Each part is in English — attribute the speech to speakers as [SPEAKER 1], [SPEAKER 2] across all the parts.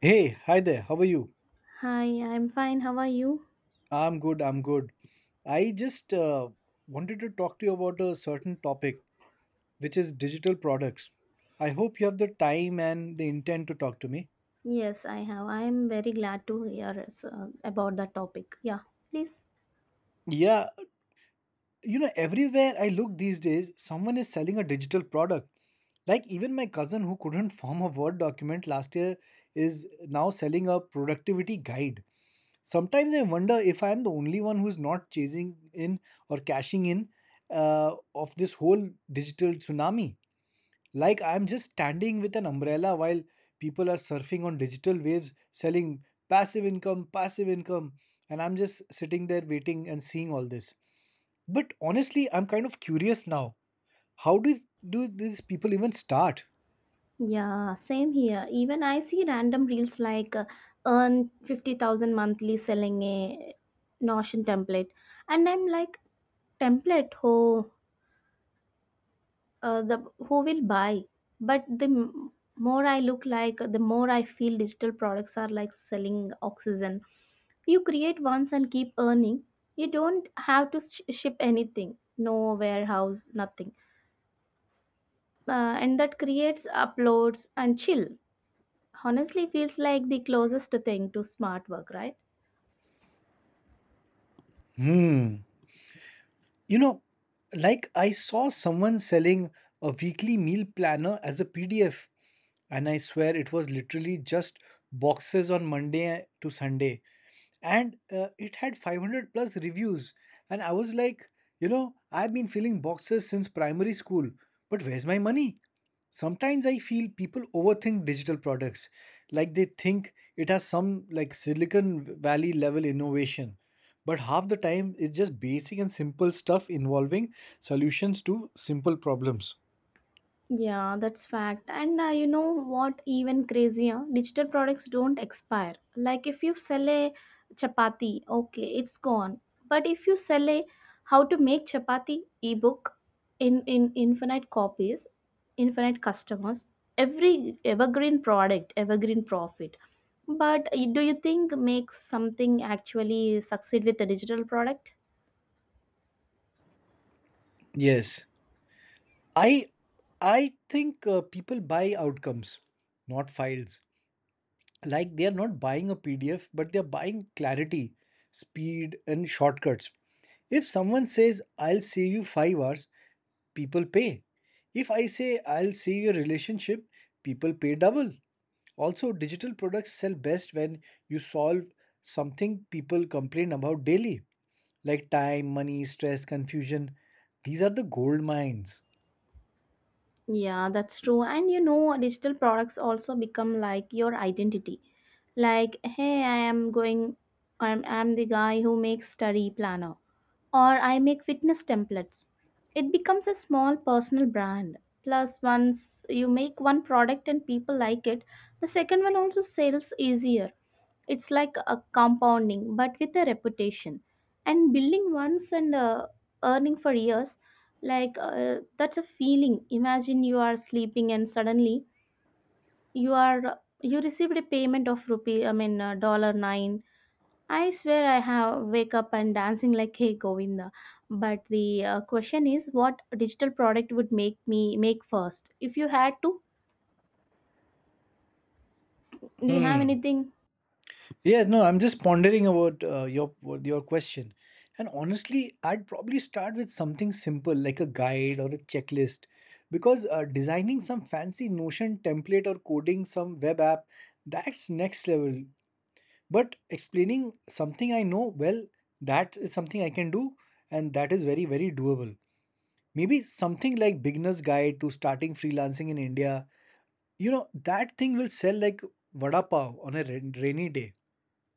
[SPEAKER 1] Hey, hi there. How are you?
[SPEAKER 2] Hi, I'm fine. How are you?
[SPEAKER 1] I'm good. I'm good. I just wanted to talk to you about a certain topic, which is digital products. I hope you have the time and the intent to talk to me.
[SPEAKER 2] Yes, I have. I'm very glad to hear about that topic. Yeah, please.
[SPEAKER 1] Yeah, you know, everywhere I look these days, someone is selling a digital product. Like even my cousin who couldn't form a Word document last year is now selling a productivity guide. Sometimes I wonder if I'm the only one who's not chasing in or cashing in of this whole digital tsunami. Like I'm just standing with an umbrella while people are surfing on digital waves, selling passive income, and I'm just sitting there waiting and seeing all this. But honestly, I'm kind of curious now. How do these people even start?
[SPEAKER 2] Yeah, same here. Even I see random reels like earn 50,000 monthly selling a Notion template. And I'm like, template? Oh, the who will buy? But the more I look, like the more I feel digital products are like selling oxygen. You create once and keep earning. You don't have to ship anything. No warehouse, nothing. And that creates uploads and chill. Honestly feels like the closest thing to smart work, right?
[SPEAKER 1] Hmm. You know, like I saw someone selling a weekly meal planner as a PDF, and I swear it was literally just boxes on Monday to Sunday, and it had 500 plus reviews, and I was like, you know, I've been filling boxes since primary school, but where's my money? Sometimes I feel people overthink digital products, like they think it has some like Silicon Valley level innovation. But half the time, it's just basic and simple stuff involving solutions to simple problems.
[SPEAKER 2] Yeah, that's fact. And you know what? Even crazier, digital products don't expire. Like if you sell a chapati, okay, it's gone. But if you sell a how to make chapati ebook, in infinite copies, infinite customers, every evergreen product, evergreen profit. But do you think makes something actually succeed with a digital product?
[SPEAKER 1] Yes. I I think people buy outcomes, not files. Like they are not buying a PDF, but they are buying clarity, speed, and shortcuts. If someone says I'll save you 5 hours, people pay. If I say I'll save your relationship, people pay double. Also, digital products sell best when you solve something people complain about daily, like time, money, stress, confusion. These are the gold mines.
[SPEAKER 2] Yeah, that's true. And you know, digital products also become like your identity. Like, hey, I am going, I'm the guy who makes study planner, or I make fitness templates. It becomes a small personal brand. Plus, once you make one product and people like it, the second one also sells easier. It's like a compounding, but with a reputation. And building once and earning for years, like that's a feeling. Imagine you are sleeping and suddenly you received a payment of rupee I mean dollar 9. I swear I have wake up and dancing like hey Govinda. But the question is, what digital product would make me make first, if you had to? Do you have
[SPEAKER 1] Hmm.
[SPEAKER 2] anything?
[SPEAKER 1] Yes, no, I'm just pondering about your your question. And honestly, I'd probably start with something simple like a guide or a checklist because designing some fancy Notion template or coding some web app, that's next level. But explaining something I know, well, that is something I can do and that is very, very doable. Maybe something like beginner's guide to starting freelancing in India. You know, that thing will sell like vada pav on a rainy day.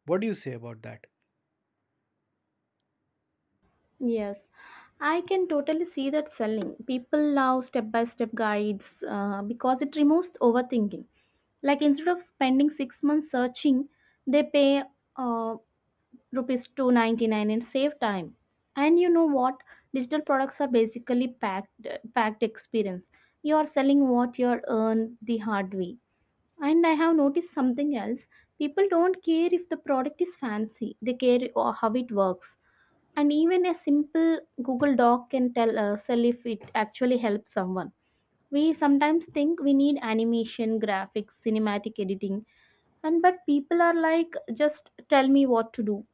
[SPEAKER 1] What do you say about that?
[SPEAKER 2] Yes, I can totally see that selling. People love step by step guides because it removes overthinking. Like instead of spending 6 months searching, they pay uh, rupees 299 and save time. And you know what? Digital products are basically packed experience. You are selling what you are earned the hard way. And I have noticed something else. People don't care if the product is fancy. They care how it works. And even a simple Google doc can tell us if it actually helps someone. We sometimes think we need animation, graphics, cinematic editing. And but people are like, just tell me what to do.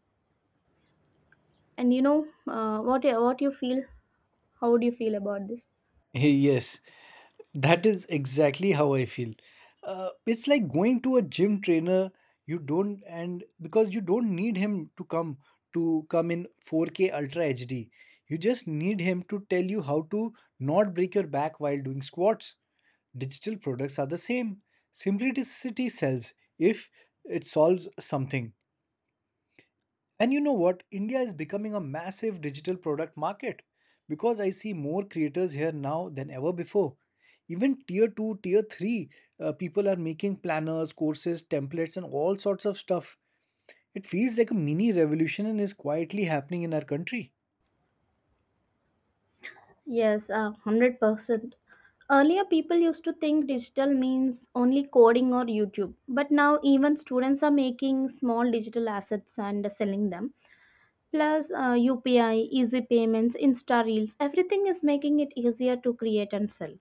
[SPEAKER 2] And you know, what you feel? How do you feel about this?
[SPEAKER 1] Yes, that is exactly how I feel. It's like going to a gym trainer. You don't, and Because you don't need him to come in 4K Ultra HD. You just need him to tell you how to not break your back while doing squats. Digital products are the same. Simplicity sells if it solves something. And you know what? India is becoming a massive digital product market because I see more creators here now than ever before. Even tier 2, tier 3 people are making planners, courses, templates, and all sorts of stuff. It feels like a mini revolution and is quietly happening in our country.
[SPEAKER 2] Yes, 100%. Earlier, people used to think digital means only coding or YouTube, but now even students are making small digital assets and selling them. Plus, UPI, easy payments, Insta Reels, everything is making it easier to create and sell.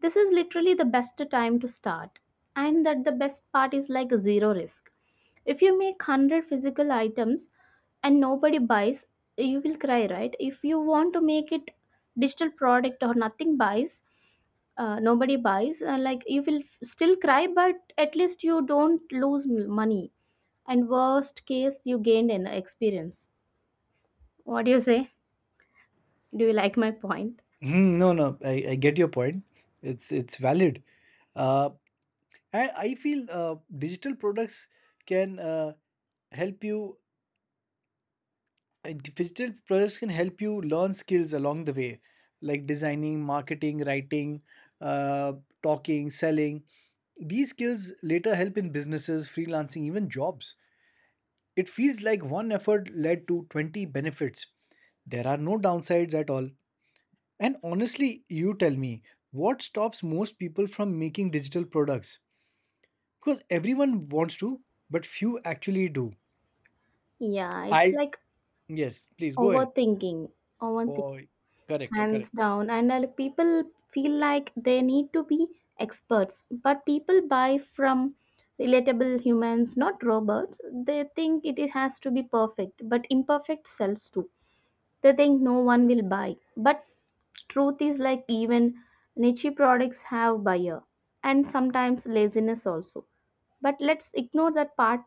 [SPEAKER 2] This is literally the best time to start. And that the best part is like zero risk. If you make 100 physical items and nobody buys, you will cry, right? If you want to make it digital product or nothing buys, nobody buys, like you will still cry, but at least you don't lose money. And worst case, you gained an experience. What do you say? Do you like my point?
[SPEAKER 1] Hmm, no, no, I get your point. It's valid. Uh, I feel digital products can help you Digital projects can help you learn skills along the way, like designing, marketing, writing, uh, talking, selling. These skills later help in businesses, freelancing, even jobs. It feels like one effort led to 20 benefits. There are no downsides at all. And honestly, you tell me, what stops most people from making digital products? Because everyone wants to, but few actually do.
[SPEAKER 2] Yeah, it's
[SPEAKER 1] I
[SPEAKER 2] like
[SPEAKER 1] Yes, please go ahead.
[SPEAKER 2] overthinking,
[SPEAKER 1] Oh,
[SPEAKER 2] overthinking,
[SPEAKER 1] correct,
[SPEAKER 2] hands
[SPEAKER 1] correct.
[SPEAKER 2] down. And people feel like they need to be experts, but people buy from relatable humans, not robots. They think it has to be perfect, but imperfect sells too. They think no one will buy, but truth is like even niche products have buyer, and sometimes laziness also. But let's ignore that part.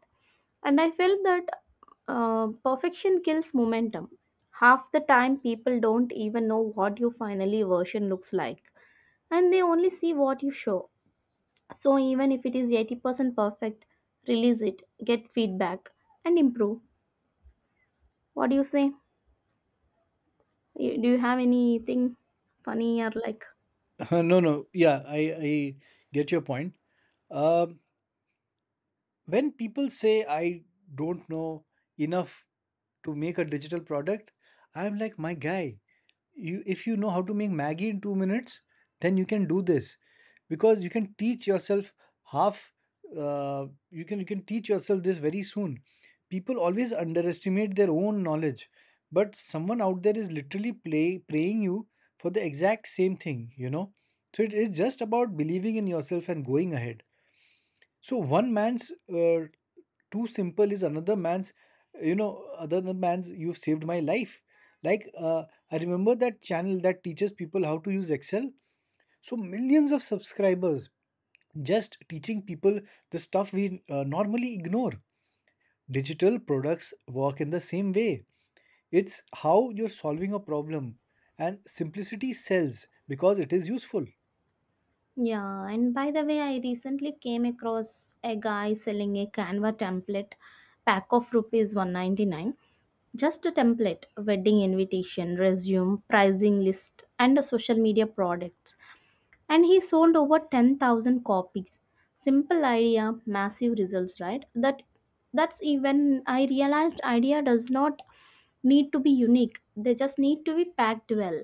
[SPEAKER 2] And I felt that, perfection kills momentum. Half the time, people don't even know what your finally version looks like, and they only see what you show. So, even if it is 80% perfect, release it, get feedback, and improve. What do you say? Do you have anything funny or like?
[SPEAKER 1] no no Yeah, I get your point. um, when people say I don't know enough to make a digital product, I'm like, my guy, you if you know how to make maggie in 2 minutes, then you can do this because you can teach yourself half you can teach yourself this very soon. People always underestimate their own knowledge, but someone out there is literally play praying you for the exact same thing, you know? So it is just about believing in yourself and going ahead. So one man's too simple is another man's, you know, you've saved my life. Like, I remember that channel that teaches people how to use Excel. So millions of subscribers just teaching people the stuff we normally ignore. Digital products work in the same way. It's how you're solving a problem. And simplicity sells because it is useful.
[SPEAKER 2] Yeah, and by the way, I recently came across a guy selling a Canva template pack of rupees 199. Just a template, wedding invitation, resume, pricing list, and a social media products. And he sold over 10,000 copies. Simple idea, massive results, right? That's even I realized idea does not need to be unique. They just need to be packed well.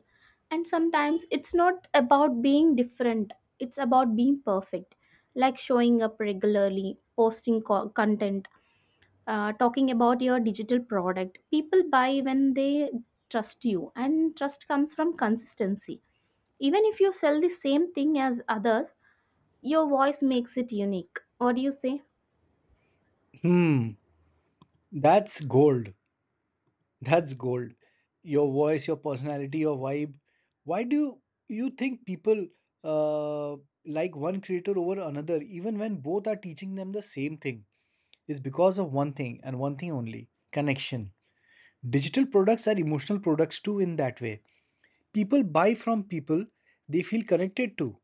[SPEAKER 2] And sometimes it's not about being different, it's about being perfect. Like showing up regularly, posting content, talking about your digital product. People buy when they trust you, and trust comes from consistency. Even if you sell the same thing as others, your voice makes it unique. What do you say?
[SPEAKER 1] Hmm, that's gold. That's gold. Your voice, your personality, your vibe. Why do you think people uh, like one creator over another, even when both are teaching them the same thing? It's because of one thing and one thing only: connection. Digital products are emotional products too, in that way. People buy from people they feel connected to.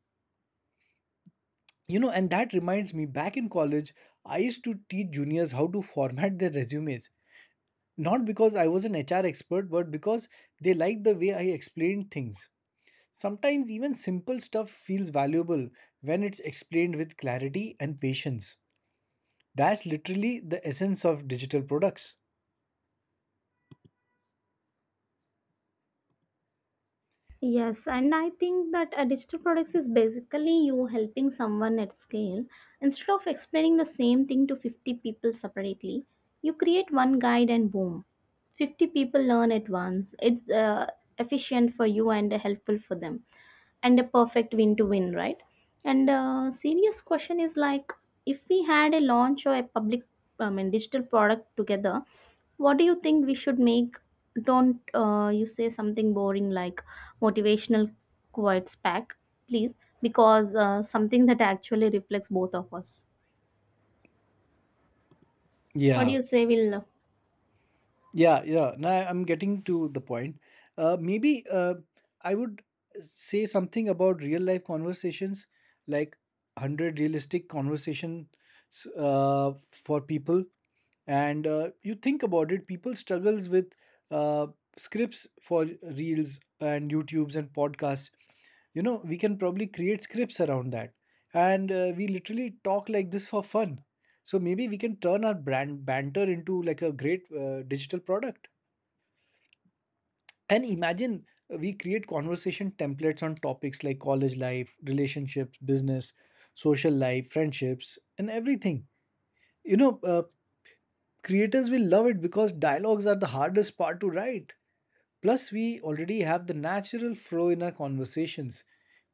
[SPEAKER 1] You know, and that reminds me, back in college, I used to teach juniors how to format their resumes not because I was an HR expert, but because they liked the way I explained things. Sometimes even simple stuff feels valuable when it's explained with clarity and patience. That's literally the essence of digital products.
[SPEAKER 2] Yes, and I think that a digital products is basically you helping someone at scale. Instead of explaining the same thing to 50 people separately, you create one guide and boom, 50 people learn at once. It's efficient for you and helpful for them, and a perfect win to win, right? And serious question is like, if we had a launch or a public, I mean, digital product together, what do you think we should make? Don't you say something boring like motivational quotes pack, please, because something that actually reflects both of us. What do
[SPEAKER 1] Yeah.
[SPEAKER 2] you say, Will?
[SPEAKER 1] Yeah, yeah. Now I'm getting to the point. Maybe I would say something about real life conversations, like 100 realistic conversations for people. And you think about it, people struggles with uh, scripts for reels and YouTubes and podcasts. You know, we can probably create scripts around that. And we literally talk like this for fun. So maybe we can turn our brand banter into like a great digital product. And imagine we create conversation templates on topics like college life, relationships, business, social life, friendships, and everything. You know, creators will love it because dialogues are the hardest part to write. Plus, we already have the natural flow in our conversations.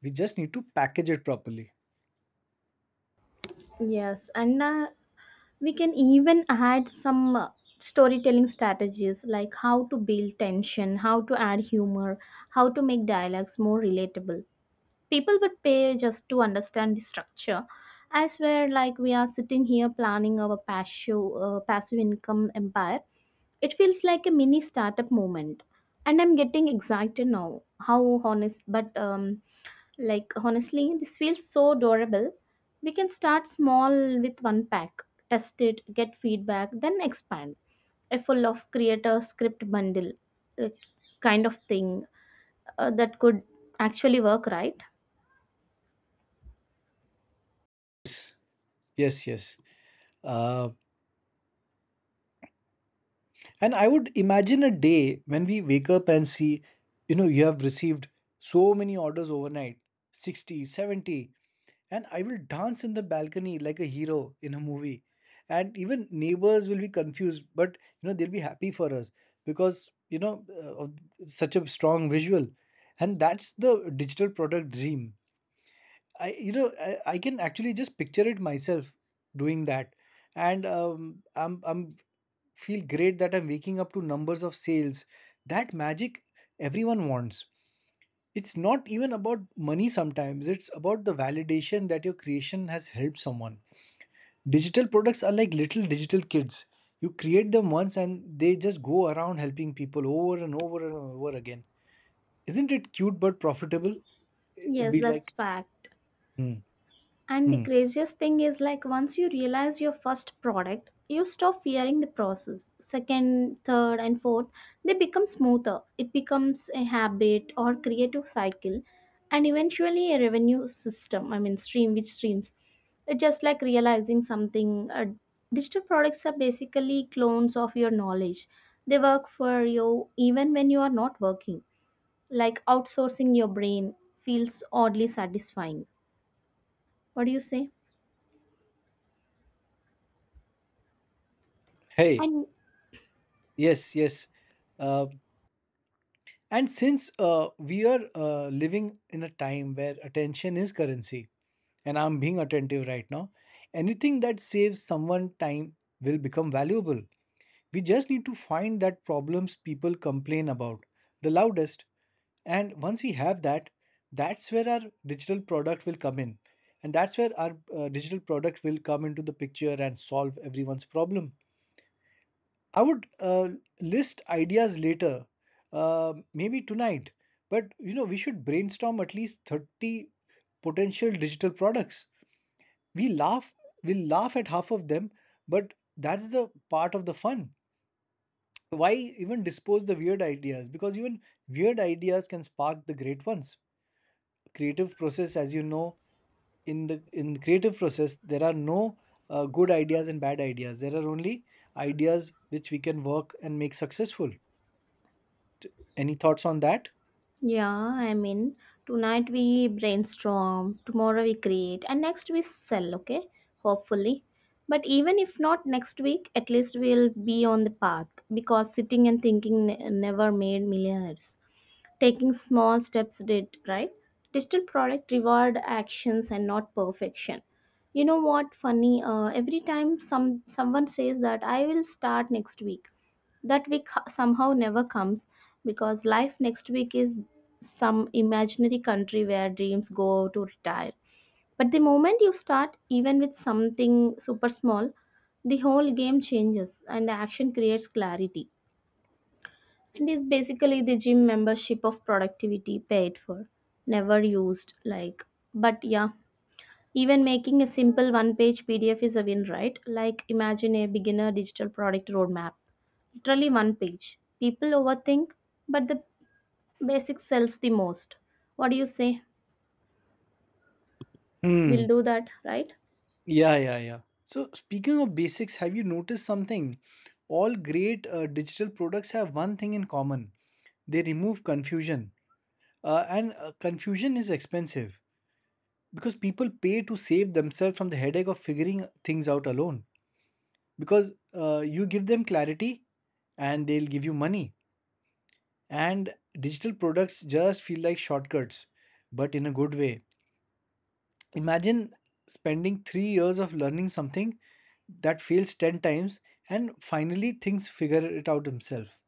[SPEAKER 1] We just need to package it properly.
[SPEAKER 2] Yes, and we can even add some storytelling strategies, like how to build tension, how to add humor, how to make dialogues more relatable. People would pay just to understand the structure. I swear, like we are sitting here planning our passive income empire. It feels like a mini startup moment, and I'm getting excited now. How honest, but like, honestly this feels so adorable. We can start small with one pack, test it, get feedback, then expand. A full of creator script bundle, uh, kind of thing, that could actually work, right?
[SPEAKER 1] Yes, yes, yes. Uh, And I would imagine a day when we wake up and see, you know, you have received so many orders overnight, 60, 70, and I will dance in the balcony like a hero in a movie. And even neighbors will be confused, but, you know, they'll be happy for us because, you know, of such a strong visual. And that's the digital product dream. I you know I can actually just picture it myself doing that, and I'm feel great that I'm waking up to numbers of sales. That magic everyone wants. It's not even about money sometimes, it's about the validation that your creation has helped someone. Digital products are like little digital kids. You create them once and they just go around helping people over and over and over again. Isn't it cute but profitable? It'd
[SPEAKER 2] Yes,
[SPEAKER 1] be
[SPEAKER 2] that's
[SPEAKER 1] like,
[SPEAKER 2] fact.
[SPEAKER 1] hmm,
[SPEAKER 2] And the
[SPEAKER 1] hmm,
[SPEAKER 2] craziest thing is like, once you realize your first product, you stop fearing the process. Second, third, and fourth, they become smoother. It becomes a habit or creative cycle and eventually a revenue system. I mean stream, which streams. It's just like realizing something. Digital products are basically clones of your knowledge. They work for you even when you are not working. Like outsourcing your brain feels oddly satisfying. What do you say?
[SPEAKER 1] hey,
[SPEAKER 2] And
[SPEAKER 1] yes, yes. Uh, and since we are living in a time where attention is currency, and I'm being attentive right now, anything that saves someone time will become valuable. We just need to find that problems people complain about the loudest. And once we have that, that's where our digital product will come in. And that's where our digital product will come into the picture and solve everyone's problem. I would list ideas later, maybe tonight. But you know, we should brainstorm at least 30 potential digital products. We laugh, we'll laugh at half of them, but that's the part of the fun. Why even dispose the weird ideas? Because even weird ideas can spark the great ones. Creative process, as you know, in the creative process, there are no good ideas and bad ideas. There are only ideas which we can work and make successful. Any thoughts on that?
[SPEAKER 2] yeah, I mean, tonight we brainstorm, tomorrow we create, and next we sell, okay? Hopefully. But even if not next week, at least we'll be on the path, because sitting and thinking never made millionaires. Taking small steps did, right? Digital product reward actions and not perfection. You know what funny? Every time someone says that I will start next week, that week somehow never comes. Because life next week is some imaginary country where dreams go to retire. But the moment you start, even with something super small, the whole game changes and action creates clarity. It is basically the gym membership of productivity, paid for, never used. Like, but yeah, even making a simple one page PDF is a win, right? Like, imagine a beginner digital product roadmap, literally one page. People overthink, but the basic sells the most. What do you say? We'll
[SPEAKER 1] Hmm.
[SPEAKER 2] do that, right?
[SPEAKER 1] Yeah, yeah, yeah. So, speaking of basics, have you noticed something? All great digital products have one thing in common: they remove confusion. And confusion is expensive because people pay to save themselves from the headache of figuring things out alone. Because you give them clarity and they'll give you money. And digital products just feel like shortcuts, but in a good way. Imagine spending 3 years of learning something that fails 10 times and finally things figure it out himself.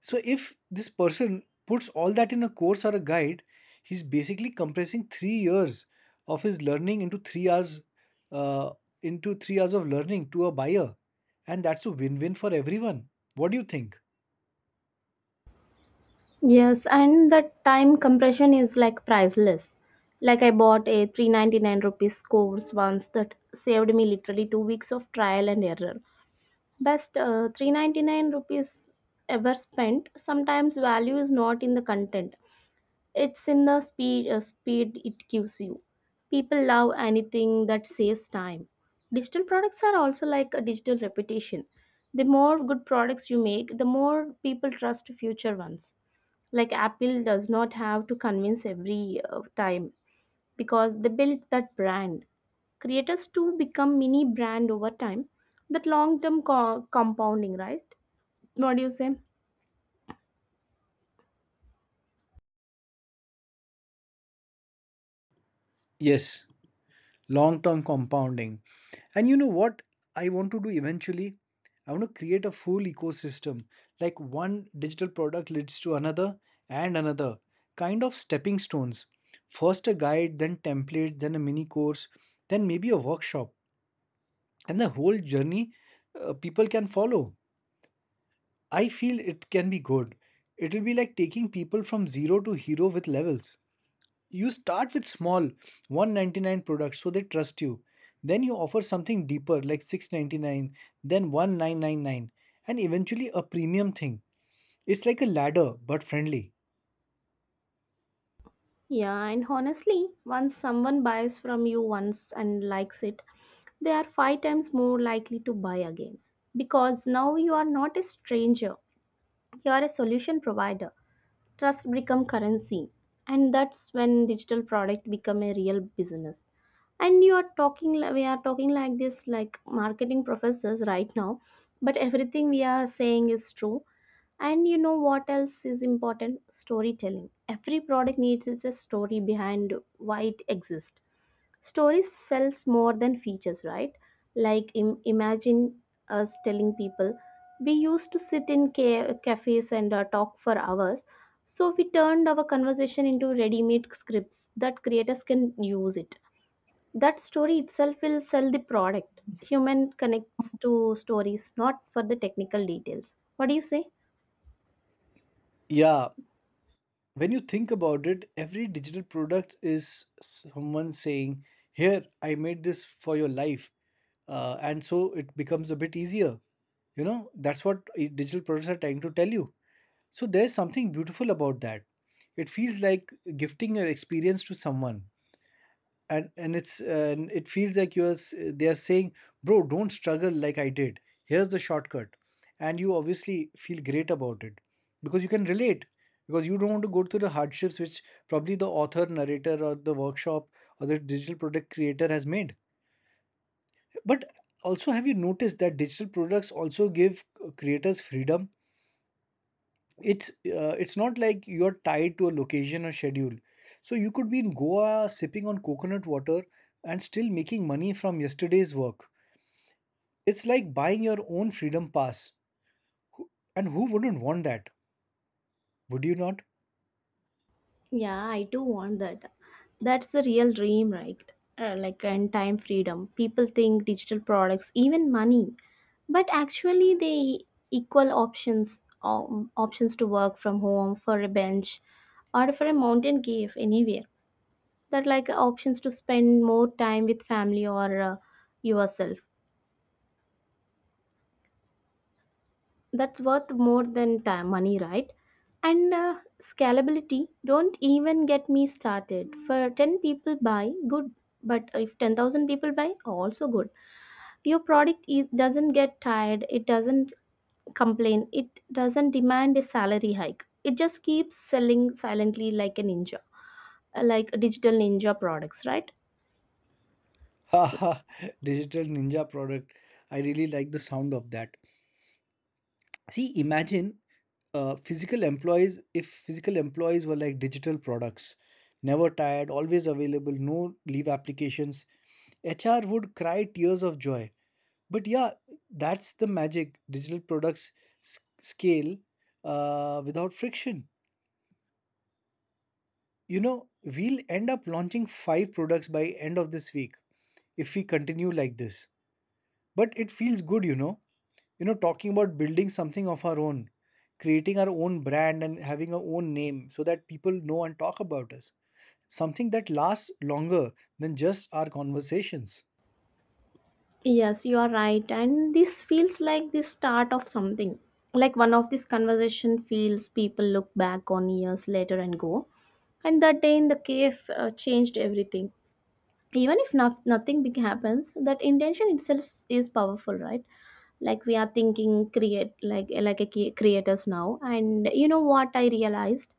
[SPEAKER 1] So, if this person puts all that in a course or a guide, he's basically compressing 3 years of his learning uh, into 3 hours of learning to a buyer, and that's a win-win for everyone. What do you think?
[SPEAKER 2] Yes, and the time compression is like priceless. Like I bought a 399 rupees course once that saved me literally 2 weeks of trial and error. Best 399 rupees ever spent. Sometimes value is not in the content, it's in the speed, speed it gives you. People love anything that saves time. Digital products are also like a digital reputation. The more good products you make, the more people trust future ones. Like Apple does not have to convince every time because they built that brand. Creators too become mini brand over time. That long term compounding, right? What do you say?
[SPEAKER 1] Yes, long term compounding. And you know what I want to do eventually? I want to create a full ecosystem. Like one digital product leads to another and another. Kind of stepping stones. First a guide, then template, then a mini course, then maybe a workshop. And the whole journey people can follow. I feel it can be good. It will be like taking people from zero to hero with levels. You start with small, 199 products so they trust you, then you offer something deeper like 699, then 1999, and eventually a premium thing. It's like a ladder but friendly.
[SPEAKER 2] Yeah, and honestly, once someone buys from you once and likes it, they are 5 times more likely to buy again, because now you are not a stranger, you are a solution provider. Trust become currency, and that's when digital product become a real business. And you are talking li- we are talking like this like marketing professors right now, but everything we are saying is true. And you know what else is important? Storytelling. Every product needs is a story behind why it exists. Stories sells more than features, right? Like imagine us telling people, we used to sit in cafes and talk for hours, so we turned our conversation into ready-made scripts that creators can use it. That story itself will sell the product. Human connects to stories, not for the technical details. What do you say?
[SPEAKER 1] Yeah, when you think about it, every digital product is someone saying, here I made this for your life, and so it becomes a bit easier. You know, that's what digital products are trying to tell you. So there's something beautiful about that. It feels like gifting your experience to someone, and it feels like they are saying, "Bro, don't struggle like I did. Here's the shortcut," and you obviously feel great about it because you can relate, because you don't want to go through the hardships which probably the author, narrator, or the workshop or the digital product creator has made. But also, have you noticed that digital products also give creators freedom? It's not like you're tied to a location or schedule. So you could be in Goa sipping on coconut water and still making money from yesterday's work. It's like buying your own freedom pass. Who- and who wouldn't want that? Would you not?
[SPEAKER 2] Yeah, I do want that. That's the real dream, right? Like, and time freedom. People think digital products even money, but actually they equal options. Options to work from home for a bench or for a mountain cave anywhere. That like options to spend more time with family or yourself. That's worth more than time money, right? And scalability don't even get me started. For 10 people buy good, but if 10,000 people buy also good. Your product is, doesn't get tired, it doesn't complain, it doesn't demand a salary hike. It just keeps selling silently like a ninja, like a digital ninja products, right?
[SPEAKER 1] Haha. Digital ninja product. I really like the sound of that. See, imagine, physical employees, if physical employees were like digital products, never tired, always available, no leave applications, HR would cry tears of joy. But yeah, that's the magic. Digital products scale, without friction. You know, we'll end up launching five products by end of this week if we continue like this. But it feels good. You know, talking about building something of our own, creating our own brand and having our own name so that people know and talk about us, something that lasts longer than just our conversations.
[SPEAKER 2] Yes, you are right. And this feels like the start of something. Like one of these conversation feels people look back on years later and go, and that day in the cave changed everything. Even if not, nothing big happens, that intention itself is powerful, right? Like we are thinking create, like a creators now. And you know what I realized?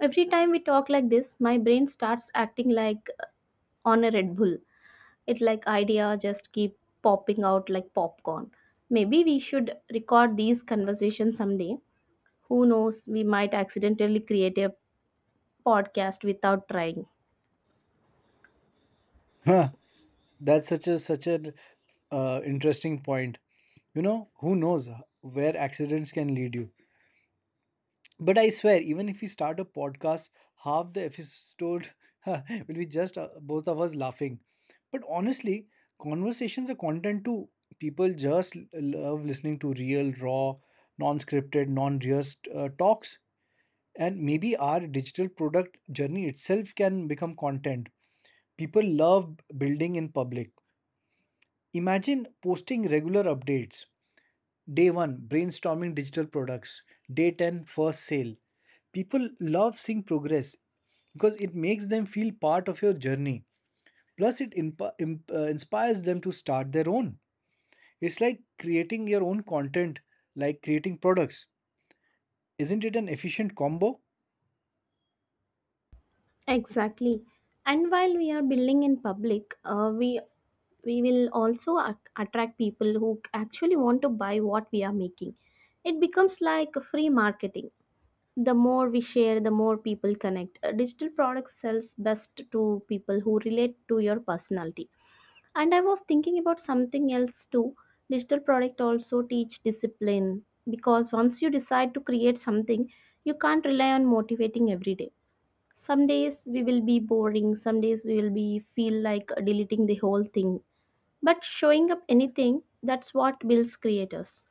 [SPEAKER 2] Every time we talk like this, my brain starts acting like on a Red Bull. It like idea just keep popping out like popcorn. Maybe we should record these conversations someday. Who knows, we might accidentally create a podcast without trying.
[SPEAKER 1] Huh, that's such an interesting point. You know, who knows where accidents can lead you. But I swear, even if we start a podcast, half the episode will be just both of us laughing. But honestly, conversations are content too. People just love listening to real, raw, non scripted, non rehearsed talks. And maybe our digital product journey itself can become content. People love building in public. Imagine posting regular updates. Day 1, brainstorming digital products. Day 10, first sale. People love seeing progress because it makes them feel part of your journey. Plus, it inspires them to start their own. It's like creating your own content, like creating products. Isn't it an efficient combo?
[SPEAKER 2] Exactly. And while we are building in public, we will also attract people who actually want to buy what we are making. It becomes like a free marketing. The more we share, the more people connect. Digital products sells best to people who relate to your personality. And I was thinking about something else too. Digital product also teach discipline, because once you decide to create something, you can't rely on motivating every day. Some days we will be boring, some days we will be feel like deleting the whole thing, but showing up anything, that's what builds creators.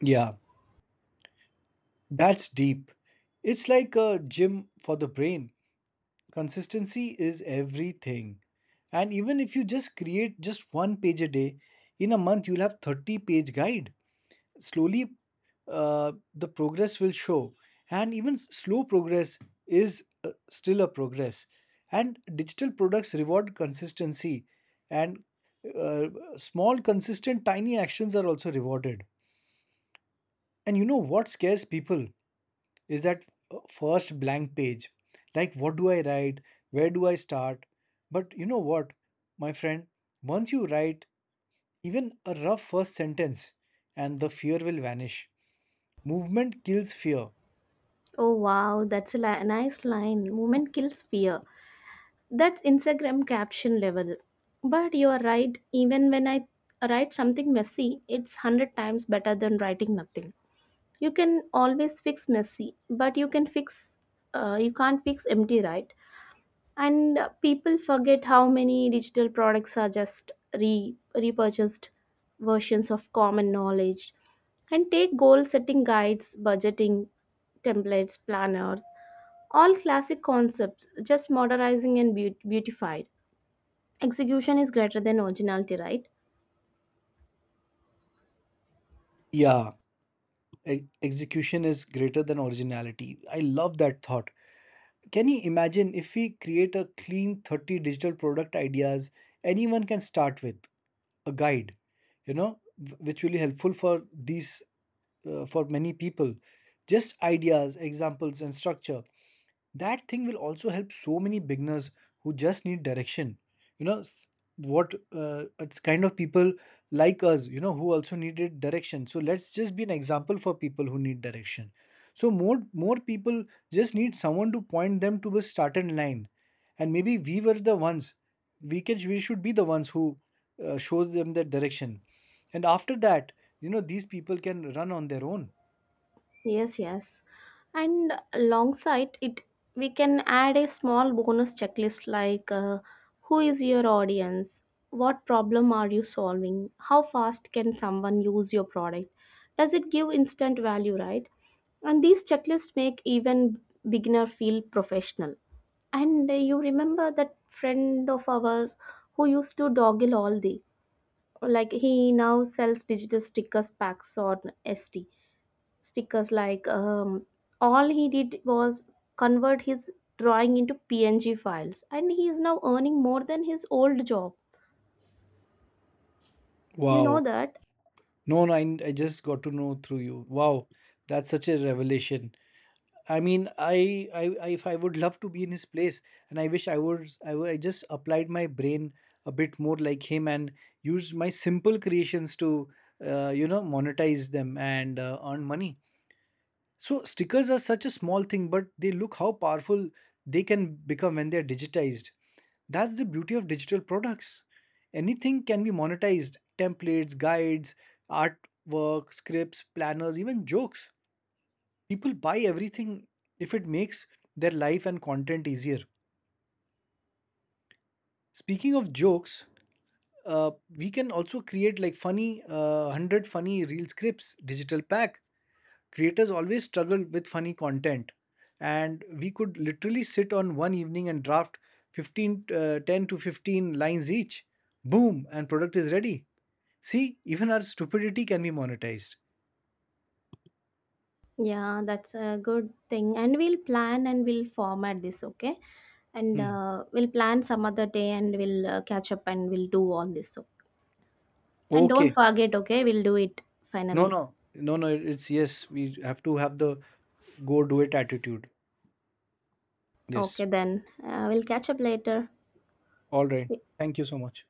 [SPEAKER 1] Yeah, that's deep. It's like a gym for the brain. Consistency is everything. And even if you just create just one page a day, in a month you'll have 30-page guide. Slowly, the progress will show. And even slow progress is still a progress. And digital products reward consistency, and uh, small consistent tiny actions are also rewarded. And you know what scares people? Is that first blank page. Like, what do I write? Where do I start? But you know what, my friend? Once you write even a rough first sentence, and the fear will vanish. Movement kills fear.
[SPEAKER 2] Oh wow, that's a nice line, movement kills fear. That's Instagram caption level. But you are right, even when I write something messy, it's 100 times better than writing nothing. You can always fix messy, but you can fix, you can't fix empty, right? And people forget how many digital products are just repurchased versions of common knowledge. And take goal setting guides, budgeting templates, planners, all classic concepts just modernizing and beautified. Execution is greater than originality, right?
[SPEAKER 1] Yeah, execution is greater than originality. I love that thought. Can you imagine if we create a clean 30 digital product ideas anyone can start with? A guide, you know, which will be helpful for these, for many people. Just ideas, examples, and structure. That thing will also help so many beginners who just need direction. You know, s- what it's kind of people like us, you know, who also needed direction. So let's just be an example for people who need direction. So more people just need someone to point them to the starting line, and maybe we were the ones. We should be the ones who shows them that direction, and after that, you know, these people can run on their own.
[SPEAKER 2] Yes, yes. And alongside it, we can add a small bonus checklist like, who is your audience? What problem are you solving? How fast can someone use your product? Does it give instant value, right? And these checklists make even beginner feel professional. And you remember that friend of ours who used to doggle all the, like he now sells digital stickers packs on ST stickers, like all he did was convert his drawing into png files, and he is now earning more than his old job. You know
[SPEAKER 1] Wow.
[SPEAKER 2] that?
[SPEAKER 1] No, no, I just got to know through you. Wow, that's such a revelation. I mean, if I would love to be in his place, and I wish I was, I just applied my brain a bit more like him and used my simple creations to, monetize them and earn money. So stickers are such a small thing, but they look how powerful they can become when they are digitized. That's the beauty of digital products. Anything can be monetized templates, guides, artwork, scripts, planners, even jokes. People buy everything if it makes their life and content easier. Speaking of jokes, uh, we can also create like funny, 100 funny reel scripts digital pack. Creators always struggle with funny content, and we could literally sit on one evening and draft 15, 10 to 15 lines each. Boom, and product is ready. See, even our stupidity can be monetized.
[SPEAKER 2] Yeah, that's a good thing. And we'll plan and we'll format this, okay? And
[SPEAKER 1] Hmm.
[SPEAKER 2] we'll plan some other day and we'll catch up and we'll do all this. So, and don't
[SPEAKER 1] Okay.
[SPEAKER 2] forget, okay? We'll do it
[SPEAKER 1] No,
[SPEAKER 2] finally.
[SPEAKER 1] no, no, no, it's yes, we have to have the go do it attitude. Yes.
[SPEAKER 2] Okay, then we'll catch up later.
[SPEAKER 1] All right, thank you so much.